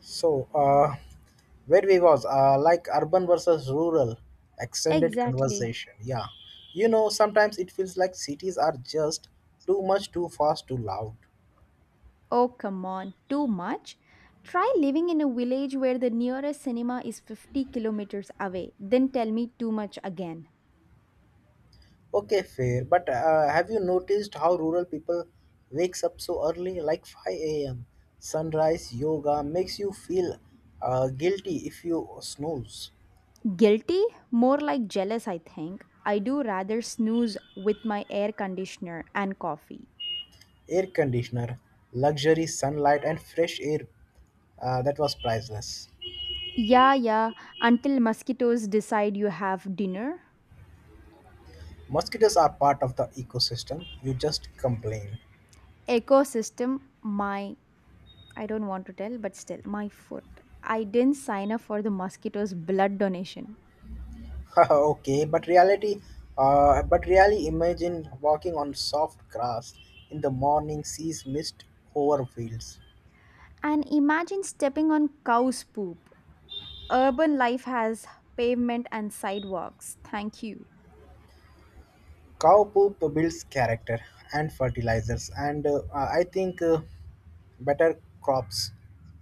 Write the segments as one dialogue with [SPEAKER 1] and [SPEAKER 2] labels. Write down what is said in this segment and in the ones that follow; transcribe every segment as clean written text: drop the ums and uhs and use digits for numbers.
[SPEAKER 1] So, where we was, like urban versus rural, extended
[SPEAKER 2] Exactly.
[SPEAKER 1] conversation. Yeah, sometimes it feels like cities are just too much, too fast, too loud.
[SPEAKER 2] Oh, come on, too much? Try living in a village where the nearest cinema is 50 kilometers away, then tell me too much again.
[SPEAKER 1] Okay, fair. But have you noticed how rural people wakes up so early, like 5 a.m. Sunrise yoga makes you feel guilty if you snooze.
[SPEAKER 2] Guilty? More like jealous, I think. I do rather snooze with my air conditioner and coffee.
[SPEAKER 1] Air conditioner, luxury sunlight, and fresh air. That was priceless.
[SPEAKER 2] Yeah, yeah, until mosquitoes decide you have dinner.
[SPEAKER 1] Mosquitoes are part of the ecosystem. You just complain.
[SPEAKER 2] Ecosystem, my, I don't want to tell, but still, my foot. I didn't sign up for the mosquitoes' blood donation.
[SPEAKER 1] Okay, but but really imagine walking on soft grass in the morning, sees mist over fields.
[SPEAKER 2] And imagine stepping on cow's poop. Urban life has pavement and sidewalks. Thank you.
[SPEAKER 1] Cow poop builds character and fertilizers, and I think better crops.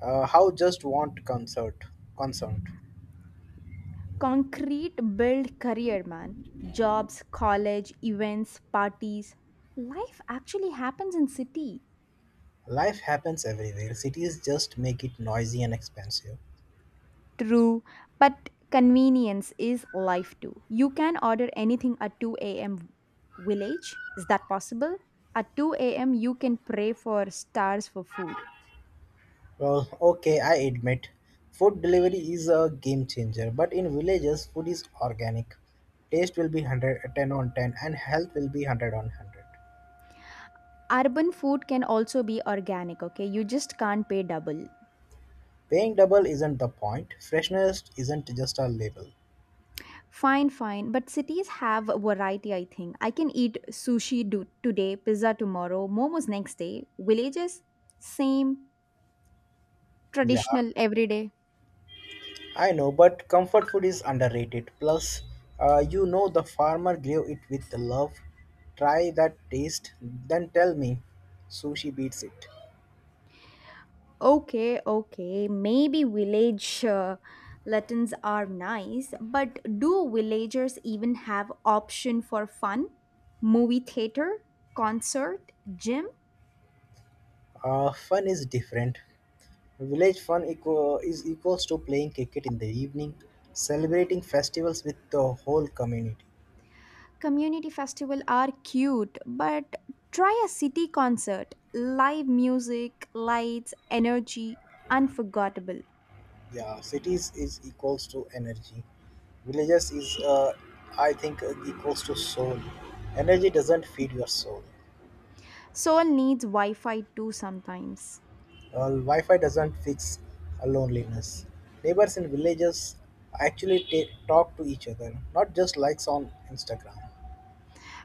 [SPEAKER 1] How just want concert, concerned.
[SPEAKER 2] Concrete build career, man. Jobs, college, events, parties. Life actually happens in city.
[SPEAKER 1] Life happens everywhere. Cities just make it noisy and expensive.
[SPEAKER 2] True, but convenience is life too. You can order anything at 2 a.m. Village. Is that possible? At 2 a.m. you can pray for stars for food.
[SPEAKER 1] Well, okay, I admit, food delivery is a game changer, but in villages, food is organic. Taste will be 110 on 10 and health will be 100 on 100.
[SPEAKER 2] Urban food can also be organic, okay? You just can't pay double.
[SPEAKER 1] Paying double isn't the point, freshness isn't just a label.
[SPEAKER 2] Fine, fine. But cities have variety, I think. I can eat sushi today, pizza tomorrow, momos next day. Villages, same,
[SPEAKER 1] Yeah,
[SPEAKER 2] traditional every day.
[SPEAKER 1] I know, but comfort food is underrated. Plus, you know the farmer grew it with love. Try that taste, then tell me. Sushi beats it.
[SPEAKER 2] Okay, okay. Maybe village Latins are nice, but do villagers even have option for fun? Movie theater, concert, gym?
[SPEAKER 1] Fun is different. Village fun equals to playing cricket in the evening, celebrating festivals with the whole community.
[SPEAKER 2] Community festival are cute, but try a city concert. Live music, lights, energy, unforgettable.
[SPEAKER 1] Yeah, cities is equals to energy. Villages equals to soul. Energy doesn't feed your soul.
[SPEAKER 2] Soul needs Wi-Fi too sometimes.
[SPEAKER 1] Wi-Fi doesn't fix a loneliness. Neighbors in villages actually talk to each other, not just likes on Instagram.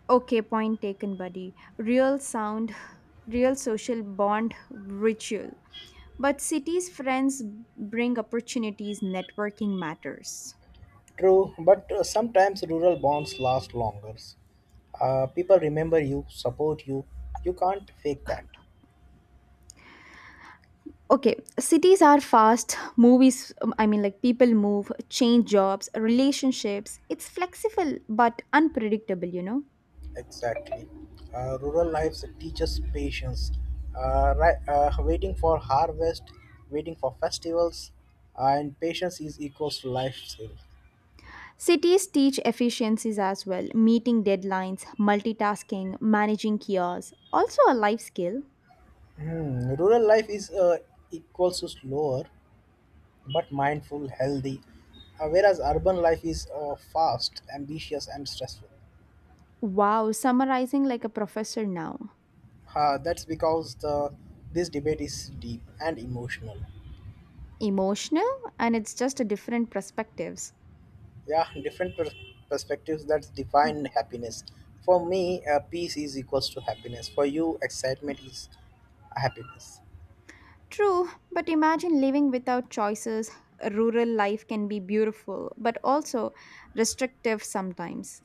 [SPEAKER 2] Okay, point taken, buddy. Real sound, real social bond, ritual. But cities friends bring opportunities, networking matters.
[SPEAKER 1] True, but sometimes rural bonds last longer. People remember you, support you. You can't fake that.
[SPEAKER 2] Okay, cities are fast, movies, I mean, like people move, change jobs, relationships. It's flexible but unpredictable, you know.
[SPEAKER 1] Exactly. Rural lives teaches patience. Right, Waiting for harvest, waiting for festivals, and patience is equals to life skill.
[SPEAKER 2] Cities teach efficiencies as well, meeting deadlines, multitasking, managing chaos, also a life skill.
[SPEAKER 1] Hmm. Rural life is equals to slower, but mindful, healthy. Whereas urban life is fast, ambitious, and stressful.
[SPEAKER 2] Wow, summarizing like a professor now.
[SPEAKER 1] That's because the this debate is deep and emotional.
[SPEAKER 2] Emotional, and it's just a different perspectives.
[SPEAKER 1] Yeah, different perspectives that define happiness. For me, peace is equals to happiness. For you, excitement is happiness.
[SPEAKER 2] True, but imagine living without choices. Rural life can be beautiful, but also restrictive sometimes.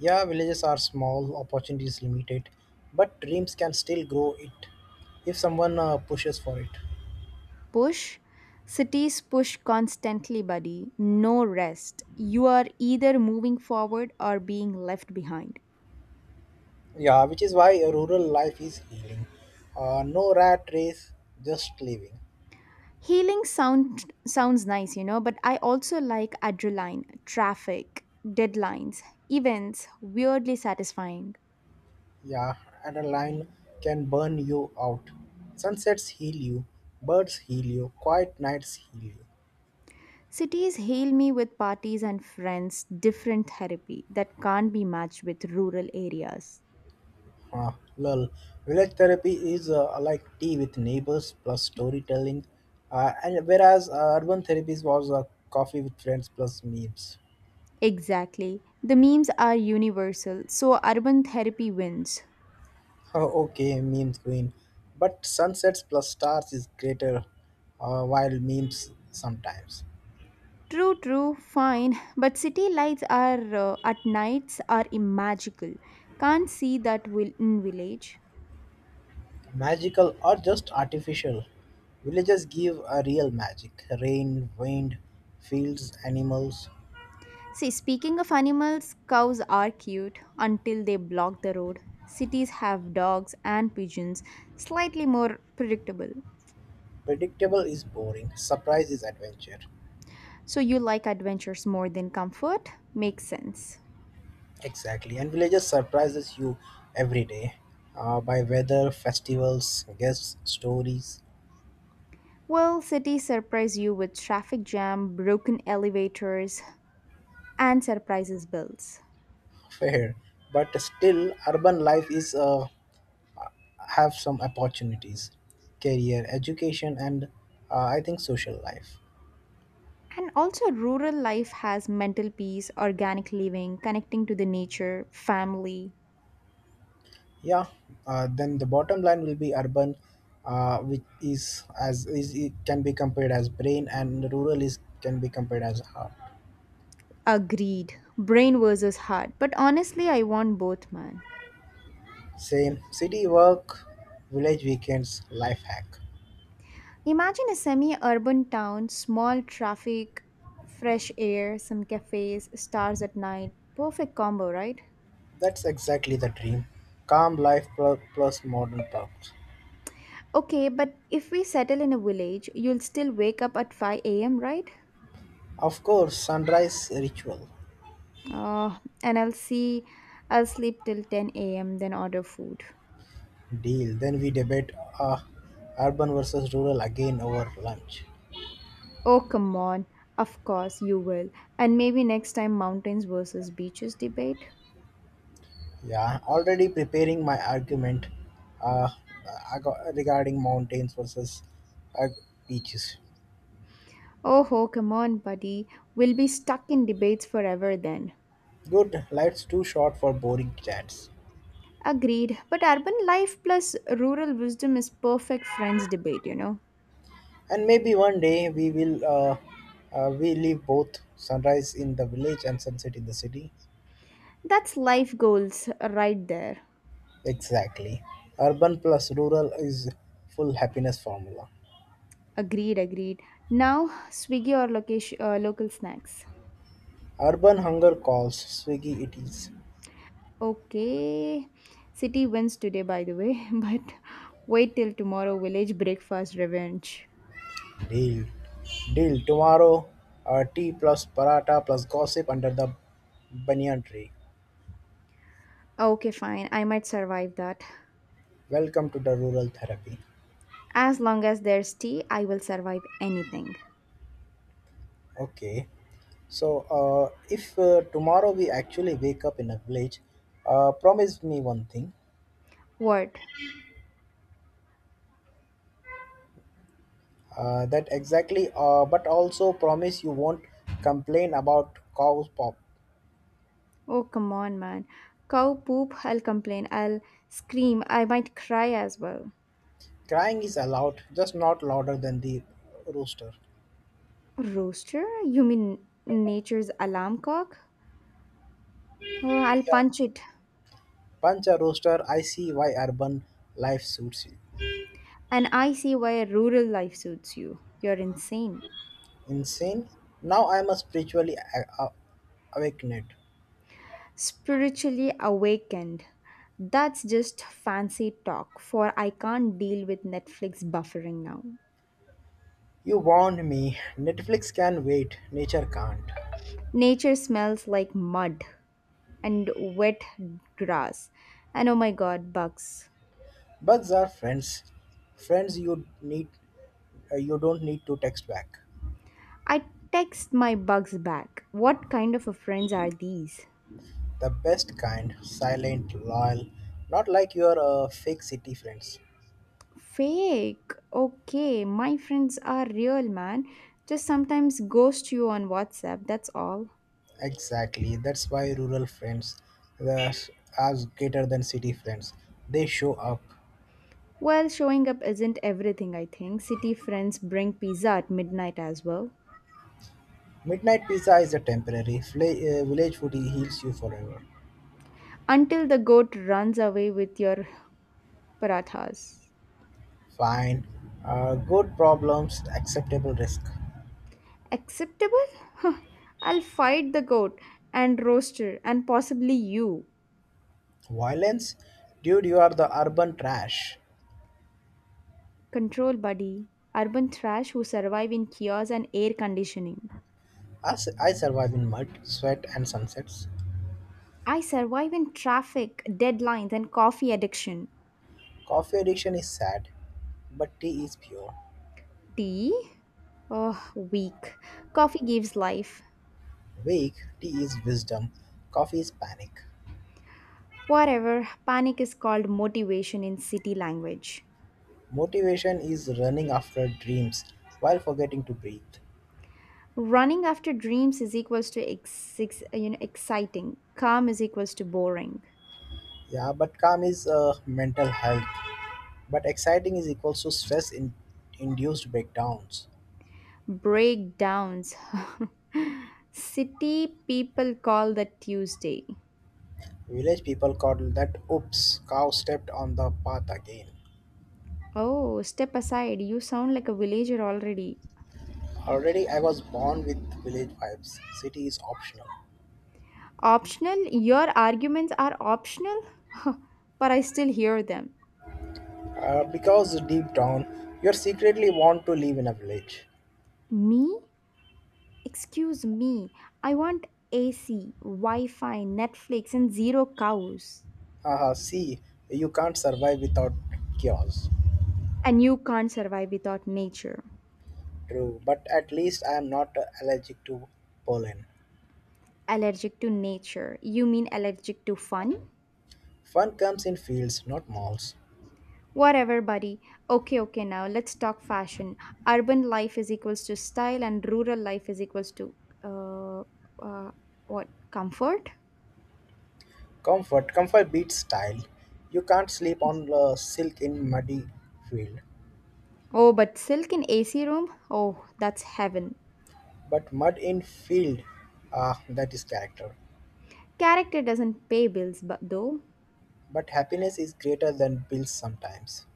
[SPEAKER 1] Yeah, villages are small, opportunities limited, but dreams can still grow it if someone pushes for it.
[SPEAKER 2] Push. Cities push constantly, buddy. No rest. You are either moving forward or being left behind.
[SPEAKER 1] Yeah, which is why a rural life is healing. No rat race, just living.
[SPEAKER 2] Healing sound sounds nice, you know, but I also like adrenaline, traffic, deadlines, events, weirdly satisfying.
[SPEAKER 1] Yeah, adrenaline can burn you out. Sunsets heal you, birds heal you, quiet nights heal you.
[SPEAKER 2] Cities heal me with parties and friends, different therapy that can't be matched with rural areas.
[SPEAKER 1] Ah, lol. Village therapy is like tea with neighbors plus storytelling, and whereas urban therapies was coffee with friends plus memes.
[SPEAKER 2] Exactly. The memes are universal, so urban therapy wins.
[SPEAKER 1] Oh, okay, memes queen. But sunsets plus stars is greater, while memes sometimes.
[SPEAKER 2] True, true, fine. But city lights are at nights are magical. Can't see that will in village.
[SPEAKER 1] Magical or just artificial. Villages give a real magic. Rain, wind, fields, animals.
[SPEAKER 2] See, speaking of animals, cows are cute until they block the road. Cities have dogs and pigeons, slightly more predictable.
[SPEAKER 1] Predictable is boring, surprise is adventure.
[SPEAKER 2] So you like adventures more than comfort? Makes sense.
[SPEAKER 1] Exactly, and villages surprises you every day by weather, festivals, guests, stories.
[SPEAKER 2] Well, cities surprise you with traffic jam, broken elevators, and surprises bills.
[SPEAKER 1] Fair, but still, urban life is have some opportunities, career, education, and I think social life.
[SPEAKER 2] And also, rural life has mental peace, organic living, connecting to the nature, family.
[SPEAKER 1] Yeah, then the bottom line will be urban, which is as is it can be compared as brain, and rural is can be compared as heart.
[SPEAKER 2] Agreed. Brain versus heart. But honestly, I want both, man.
[SPEAKER 1] Same city work, village weekends, life hack.
[SPEAKER 2] Imagine a semi urban town, small traffic, fresh air, some cafes, stars at night. Perfect combo, right?
[SPEAKER 1] That's exactly the dream. Calm life plus modern perks.
[SPEAKER 2] Okay, but if we settle in a village, you'll still wake up at 5 a.m., right?
[SPEAKER 1] Of course, sunrise ritual
[SPEAKER 2] And I'll see, I'll sleep till 10 a.m., then order food.
[SPEAKER 1] deal. Then we debate uh, urban versus rural again over lunch.
[SPEAKER 2] Oh, come on. Of course you will. And maybe next time mountains versus beaches debate?
[SPEAKER 1] Yeah, already preparing my argument uh, regarding mountains versus uh, beaches.
[SPEAKER 2] Oh, ho, come on, buddy. We'll be stuck in debates forever then.
[SPEAKER 1] Good, life's too short for boring chats.
[SPEAKER 2] Agreed. But urban life plus rural wisdom is perfect friends debate, you know.
[SPEAKER 1] And maybe one day we will we live both sunrise in the village and sunset in the city.
[SPEAKER 2] That's life goals right there.
[SPEAKER 1] Exactly. Urban plus rural is full happiness formula.
[SPEAKER 2] Agreed, agreed. Now, Swiggy or location, local snacks.
[SPEAKER 1] Urban hunger calls, Swiggy it is.
[SPEAKER 2] Okay. City wins today, by the way. But wait till tomorrow, village breakfast revenge.
[SPEAKER 1] Deal. Deal. Tomorrow, tea plus paratha plus gossip under the banyan tree.
[SPEAKER 2] Okay, fine. I might survive that.
[SPEAKER 1] Welcome to the rural therapy.
[SPEAKER 2] As long as there's tea, I will survive anything.
[SPEAKER 1] Okay. So, if tomorrow we actually wake up in a village, promise me one thing.
[SPEAKER 2] What?
[SPEAKER 1] That exactly, but also promise you won't complain about cow's pop.
[SPEAKER 2] Oh, come on, man. Cow poop, I'll complain. I'll scream. I might cry as well.
[SPEAKER 1] Crying is allowed, just not louder than the rooster.
[SPEAKER 2] Rooster? You mean nature's alarm clock? Oh, I'll
[SPEAKER 1] Yeah,
[SPEAKER 2] punch it.
[SPEAKER 1] punch a rooster. I see why urban life suits you.
[SPEAKER 2] And I see why rural life suits you. You're insane.
[SPEAKER 1] Insane? Now I am spiritually awakened.
[SPEAKER 2] Spiritually awakened. That's just fancy talk, for I can't deal with Netflix buffering now.
[SPEAKER 1] You warned me. Netflix can wait, nature can't.
[SPEAKER 2] Nature smells like mud and wet grass. And oh my god, bugs.
[SPEAKER 1] Bugs are friends. Friends you need you don't need to text back.
[SPEAKER 2] I text my bugs back. What kind of a friends are these?
[SPEAKER 1] The best kind, silent, loyal, not like your fake city friends.
[SPEAKER 2] Fake. Okay, my friends are real, man. Just sometimes ghost you on WhatsApp, that's all.
[SPEAKER 1] Exactly. That's why rural friends were are greater than city friends. They show up.
[SPEAKER 2] Well, showing up isn't everything, I think. City friends bring pizza at midnight as well.
[SPEAKER 1] Midnight pizza is a temporary. Village food heals you forever.
[SPEAKER 2] Until the goat runs away with your parathas.
[SPEAKER 1] Fine. Good problems, acceptable risk.
[SPEAKER 2] Acceptable? I'll fight the goat and roaster and possibly you.
[SPEAKER 1] Violence? Dude, you are the urban trash.
[SPEAKER 2] Control buddy. Urban trash who survive in kiosks and air conditioning.
[SPEAKER 1] As I survive in mud, sweat, and sunsets.
[SPEAKER 2] I survive in traffic, deadlines, and coffee addiction.
[SPEAKER 1] Coffee addiction is sad, but tea is pure.
[SPEAKER 2] Tea? Oh, weak. Coffee gives life.
[SPEAKER 1] Wake, tea is wisdom. Coffee is panic.
[SPEAKER 2] Whatever, panic is called motivation in city language.
[SPEAKER 1] Motivation is running after dreams while forgetting to breathe.
[SPEAKER 2] Running after dreams is equals to exciting. Calm is equals to boring.
[SPEAKER 1] Yeah, but calm is mental health. But exciting is equals to stress induced breakdowns.
[SPEAKER 2] Breakdowns. City people call that Tuesday.
[SPEAKER 1] Village people called that oops, cow stepped on the path again.
[SPEAKER 2] Oh, step aside. You sound like a villager already.
[SPEAKER 1] Already I was born with village vibes. City is optional.
[SPEAKER 2] Optional? Your arguments are optional? But I still hear them.
[SPEAKER 1] Because deep down, you secretly want to live in a village.
[SPEAKER 2] Me? Excuse me. I want AC, Wi Fi, Netflix, and zero cows.
[SPEAKER 1] Haha, see, you can't survive without chaos.
[SPEAKER 2] And you can't survive without nature.
[SPEAKER 1] True, but at least I am not allergic to pollen.
[SPEAKER 2] Allergic to nature. You mean allergic to fun?
[SPEAKER 1] Fun comes in fields, not malls.
[SPEAKER 2] Whatever, buddy. Okay, okay, now let's talk fashion. Urban life is equals to style, and rural life is equals to uh, uh, what comfort?
[SPEAKER 1] Comfort, comfort beats style. You can't sleep on silk in muddy field.
[SPEAKER 2] Oh, but silk in AC room? Oh, that's heaven.
[SPEAKER 1] But mud in field, ah, that is character.
[SPEAKER 2] Character doesn't pay bills, but though
[SPEAKER 1] But happiness is greater than bills sometimes.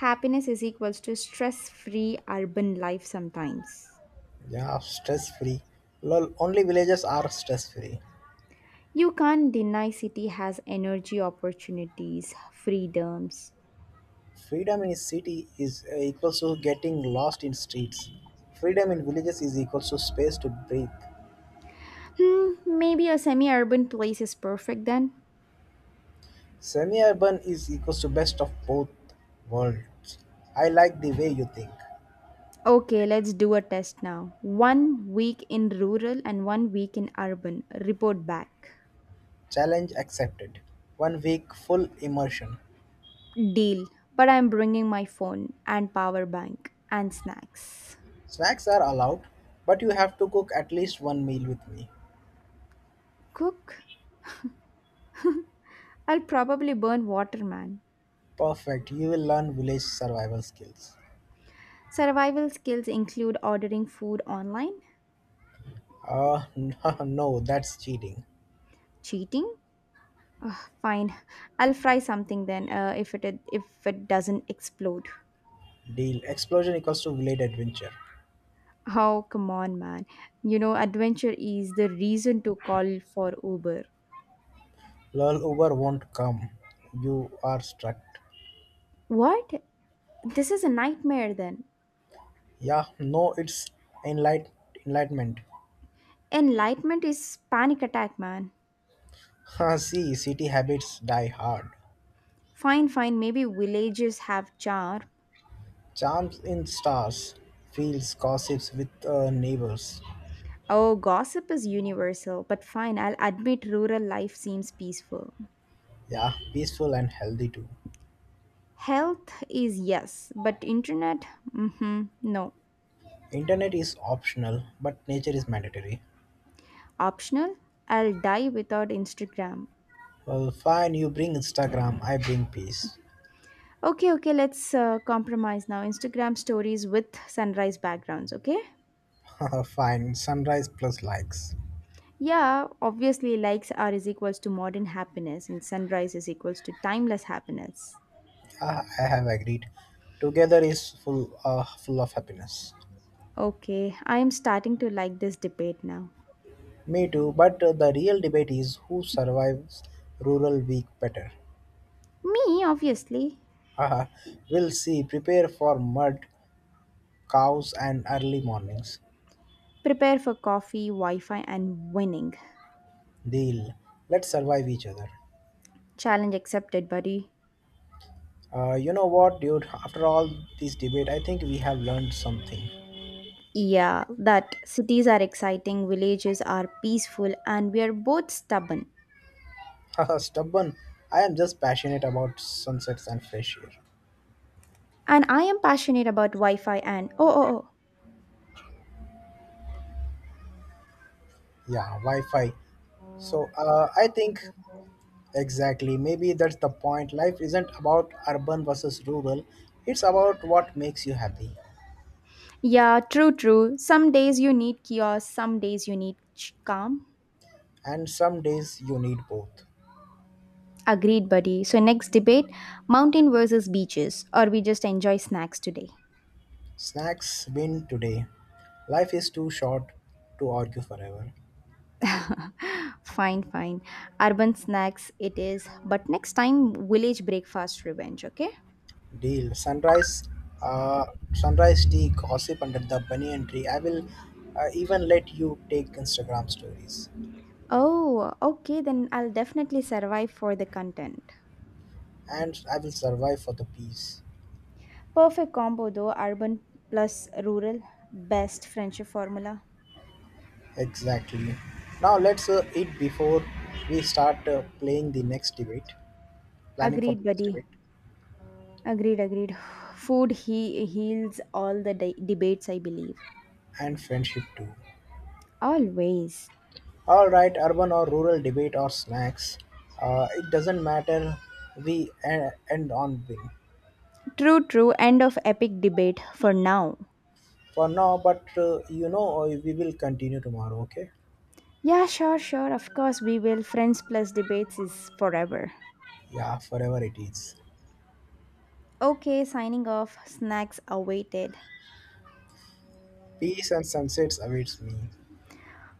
[SPEAKER 2] happiness is equals to stress-free urban life sometimes.
[SPEAKER 1] Yeah, stress free. Lol, only villages are stress free.
[SPEAKER 2] You can't deny city has energy opportunities, freedoms.
[SPEAKER 1] Freedom in city is equals to getting lost in streets. Freedom in villages is equals to space to breathe.
[SPEAKER 2] Hmm, maybe a semi-urban place is perfect then.
[SPEAKER 1] Semi-urban is equals to best of both worlds. I like the way you think.
[SPEAKER 2] Okay, let's do a test now. One week in rural and one week in urban. Report back.
[SPEAKER 1] Challenge accepted. One week full immersion.
[SPEAKER 2] Deal. But I'm bringing my phone and power bank and snacks.
[SPEAKER 1] Snacks are allowed, but you have to cook at least one meal with me.
[SPEAKER 2] Cook? I'll probably burn water, man.
[SPEAKER 1] Perfect, you will learn village survival skills.
[SPEAKER 2] Survival skills include ordering food online,
[SPEAKER 1] Ah, no, that's cheating.
[SPEAKER 2] cheating. Ugh, fine, I'll fry something then. If it doesn't explode.
[SPEAKER 1] Deal. Explosion equals to village adventure.
[SPEAKER 2] Oh come on, man. You know adventure is the reason to call for Uber.
[SPEAKER 1] Lol, Uber won't come. You are struck.
[SPEAKER 2] What? This is a nightmare then.
[SPEAKER 1] Yeah, no, it's enlight- enlightenment.
[SPEAKER 2] Enlightenment is panic attack, man.
[SPEAKER 1] Ha, see, city habits die hard.
[SPEAKER 2] Fine, fine, maybe villages have charm.
[SPEAKER 1] Charms in stars, fields, gossips with neighbors.
[SPEAKER 2] Oh, gossip is universal, but fine, I'll admit rural life seems peaceful.
[SPEAKER 1] Yeah, peaceful and healthy too.
[SPEAKER 2] Health is yes, but internet, mm-hmm, no.
[SPEAKER 1] Internet is optional, but nature is mandatory.
[SPEAKER 2] Optional? I'll die without Instagram.
[SPEAKER 1] Well, fine, you bring Instagram, I bring peace.
[SPEAKER 2] Okay, okay, let's compromise now. Instagram stories with sunrise backgrounds, okay?
[SPEAKER 1] fine, sunrise plus likes.
[SPEAKER 2] Yeah, obviously likes are is equals to modern happiness and sunrise is equals to timeless happiness.
[SPEAKER 1] Ah, I have agreed. Together is full of happiness.
[SPEAKER 2] Okay, I am starting to like this debate now.
[SPEAKER 1] Me too, but the real debate is who survives rural week better.
[SPEAKER 2] Me, obviously.
[SPEAKER 1] Haha, we'll see. Prepare for mud, cows, and early mornings.
[SPEAKER 2] Prepare for coffee, Wi Fi, and winning.
[SPEAKER 1] Deal. Let's survive each other.
[SPEAKER 2] Challenge accepted, buddy.
[SPEAKER 1] You know what, dude? After all this debate, I think we have learned something.
[SPEAKER 2] Yeah, that cities are exciting, villages are peaceful, and we are both stubborn.
[SPEAKER 1] Haha, stubborn. I am just passionate about sunsets and fresh air.
[SPEAKER 2] And I am passionate about Wi Fi and oh, oh, oh.
[SPEAKER 1] Yeah, Wi-Fi. So I think exactly. Maybe that's the point. Life isn't about urban versus rural. It's about what makes you happy.
[SPEAKER 2] Yeah, true, true. Some days you need chaos, some days you need calm.
[SPEAKER 1] And some days you need both.
[SPEAKER 2] Agreed, buddy. So, next debate mountain versus beaches, or we just enjoy snacks today.
[SPEAKER 1] Snacks win today. Life is too short to argue forever.
[SPEAKER 2] Fine, fine. Urban snacks it is, but next time village breakfast revenge, okay?
[SPEAKER 1] Deal. Sunrise. Uh, Sunrise tea. Gossip under the banyan tree. I will even let you take Instagram stories.
[SPEAKER 2] Oh, okay, then I'll definitely survive for the content.
[SPEAKER 1] And I will survive for the peace.
[SPEAKER 2] Perfect combo though, urban plus rural. Best friendship formula.
[SPEAKER 1] Exactly. Now let's eat before we start playing the next debate, planning for the
[SPEAKER 2] Agreed,
[SPEAKER 1] next
[SPEAKER 2] buddy.
[SPEAKER 1] debate,
[SPEAKER 2] Agreed, agreed. Food he heals all the debates, I believe.
[SPEAKER 1] and friendship too.
[SPEAKER 2] Always.
[SPEAKER 1] All right, urban or rural debate or snacks, it doesn't matter. We end on win
[SPEAKER 2] True, true. End of epic debate for now.
[SPEAKER 1] for now, but we will continue tomorrow. Okay?
[SPEAKER 2] Yeah, sure, sure. Of course, we will. Friends plus debates is forever.
[SPEAKER 1] Yeah, forever it is.
[SPEAKER 2] Okay, signing off. Snacks awaited.
[SPEAKER 1] Peace and sunsets awaits me.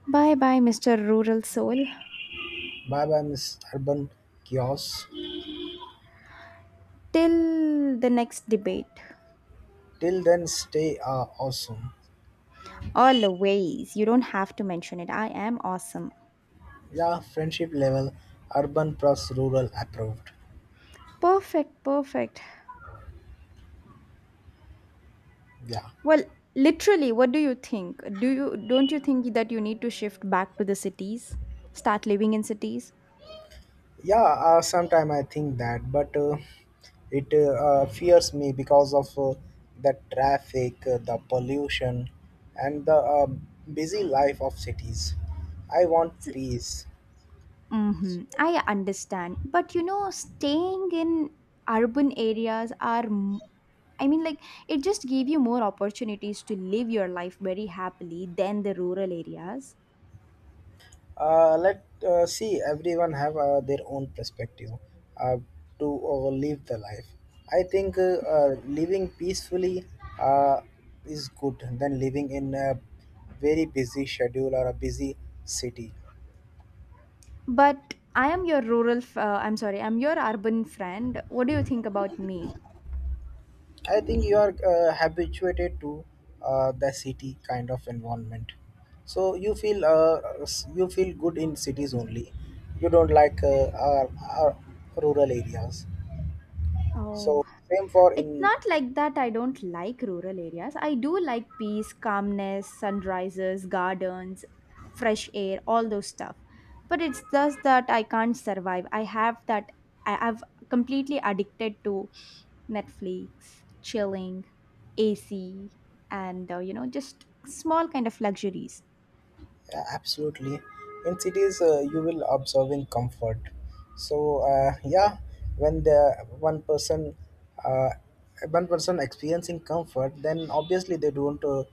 [SPEAKER 2] Bye bye, Mr. Rural Soul.
[SPEAKER 1] Bye bye, Miss Urban Kiosk.
[SPEAKER 2] Till the next debate.
[SPEAKER 1] Till then, stay awesome.
[SPEAKER 2] Always. You don't have to mention it. I am awesome.
[SPEAKER 1] Yeah, friendship level, urban plus rural approved.
[SPEAKER 2] Perfect, perfect.
[SPEAKER 1] Yeah,
[SPEAKER 2] Well, literally, what do you think? Do you Don't you think that you need to shift back to the cities? Start living in cities?
[SPEAKER 1] yeah. Sometimes I think that, but it fears me because of the traffic, the pollution, and the busy life of cities. I want peace.
[SPEAKER 2] Mm-hmm. I understand. But you know, staying in urban areas are I mean, like, it just gave you more opportunities to live your life very happily than the rural areas.
[SPEAKER 1] Let see everyone have their own perspective uh, to live the life. I think living peacefully uh, is good than living in a very busy schedule or a busy city.
[SPEAKER 2] But I am your rural, I'm sorry, I'm your urban friend. What do you think about me?
[SPEAKER 1] I think you are habituated to the city kind of environment, so you feel you feel good in cities only. You don't like our rural areas.
[SPEAKER 2] Oh,
[SPEAKER 1] So same for
[SPEAKER 2] it's
[SPEAKER 1] in.
[SPEAKER 2] not like that. I don't like rural areas. I do like peace, calmness, sunrises, gardens, fresh air, all those stuff. But it's just that I can't survive. I have that, I've completely addicted to Netflix, chilling, AC, and you know, just small kind of luxuries.
[SPEAKER 1] Yeah, absolutely. In cities, you will observe in comfort. So yeah, when the uh, one person experiencing comfort, then obviously they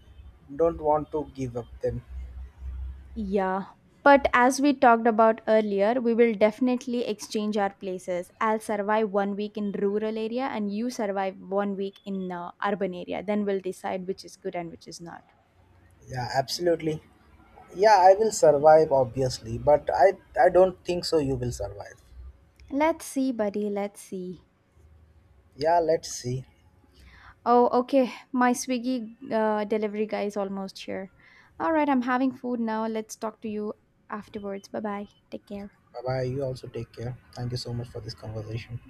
[SPEAKER 1] don't want to give up them.
[SPEAKER 2] Yeah. But as we talked about earlier, we will definitely exchange our places. I'll survive one week in rural area and you survive one week in urban area. Then we'll decide which is good and which is not.
[SPEAKER 1] Yeah, absolutely. Yeah, I will survive obviously, but I don't think so. You will survive.
[SPEAKER 2] Let's see, buddy. Let's see.
[SPEAKER 1] Yeah, let's see.
[SPEAKER 2] Oh, okay. My Swiggy delivery guy is almost here. All right, I'm having food now. Let's talk to you afterwards. Bye bye. Take care.
[SPEAKER 1] Bye bye. You also take care. Thank you so much for this conversation.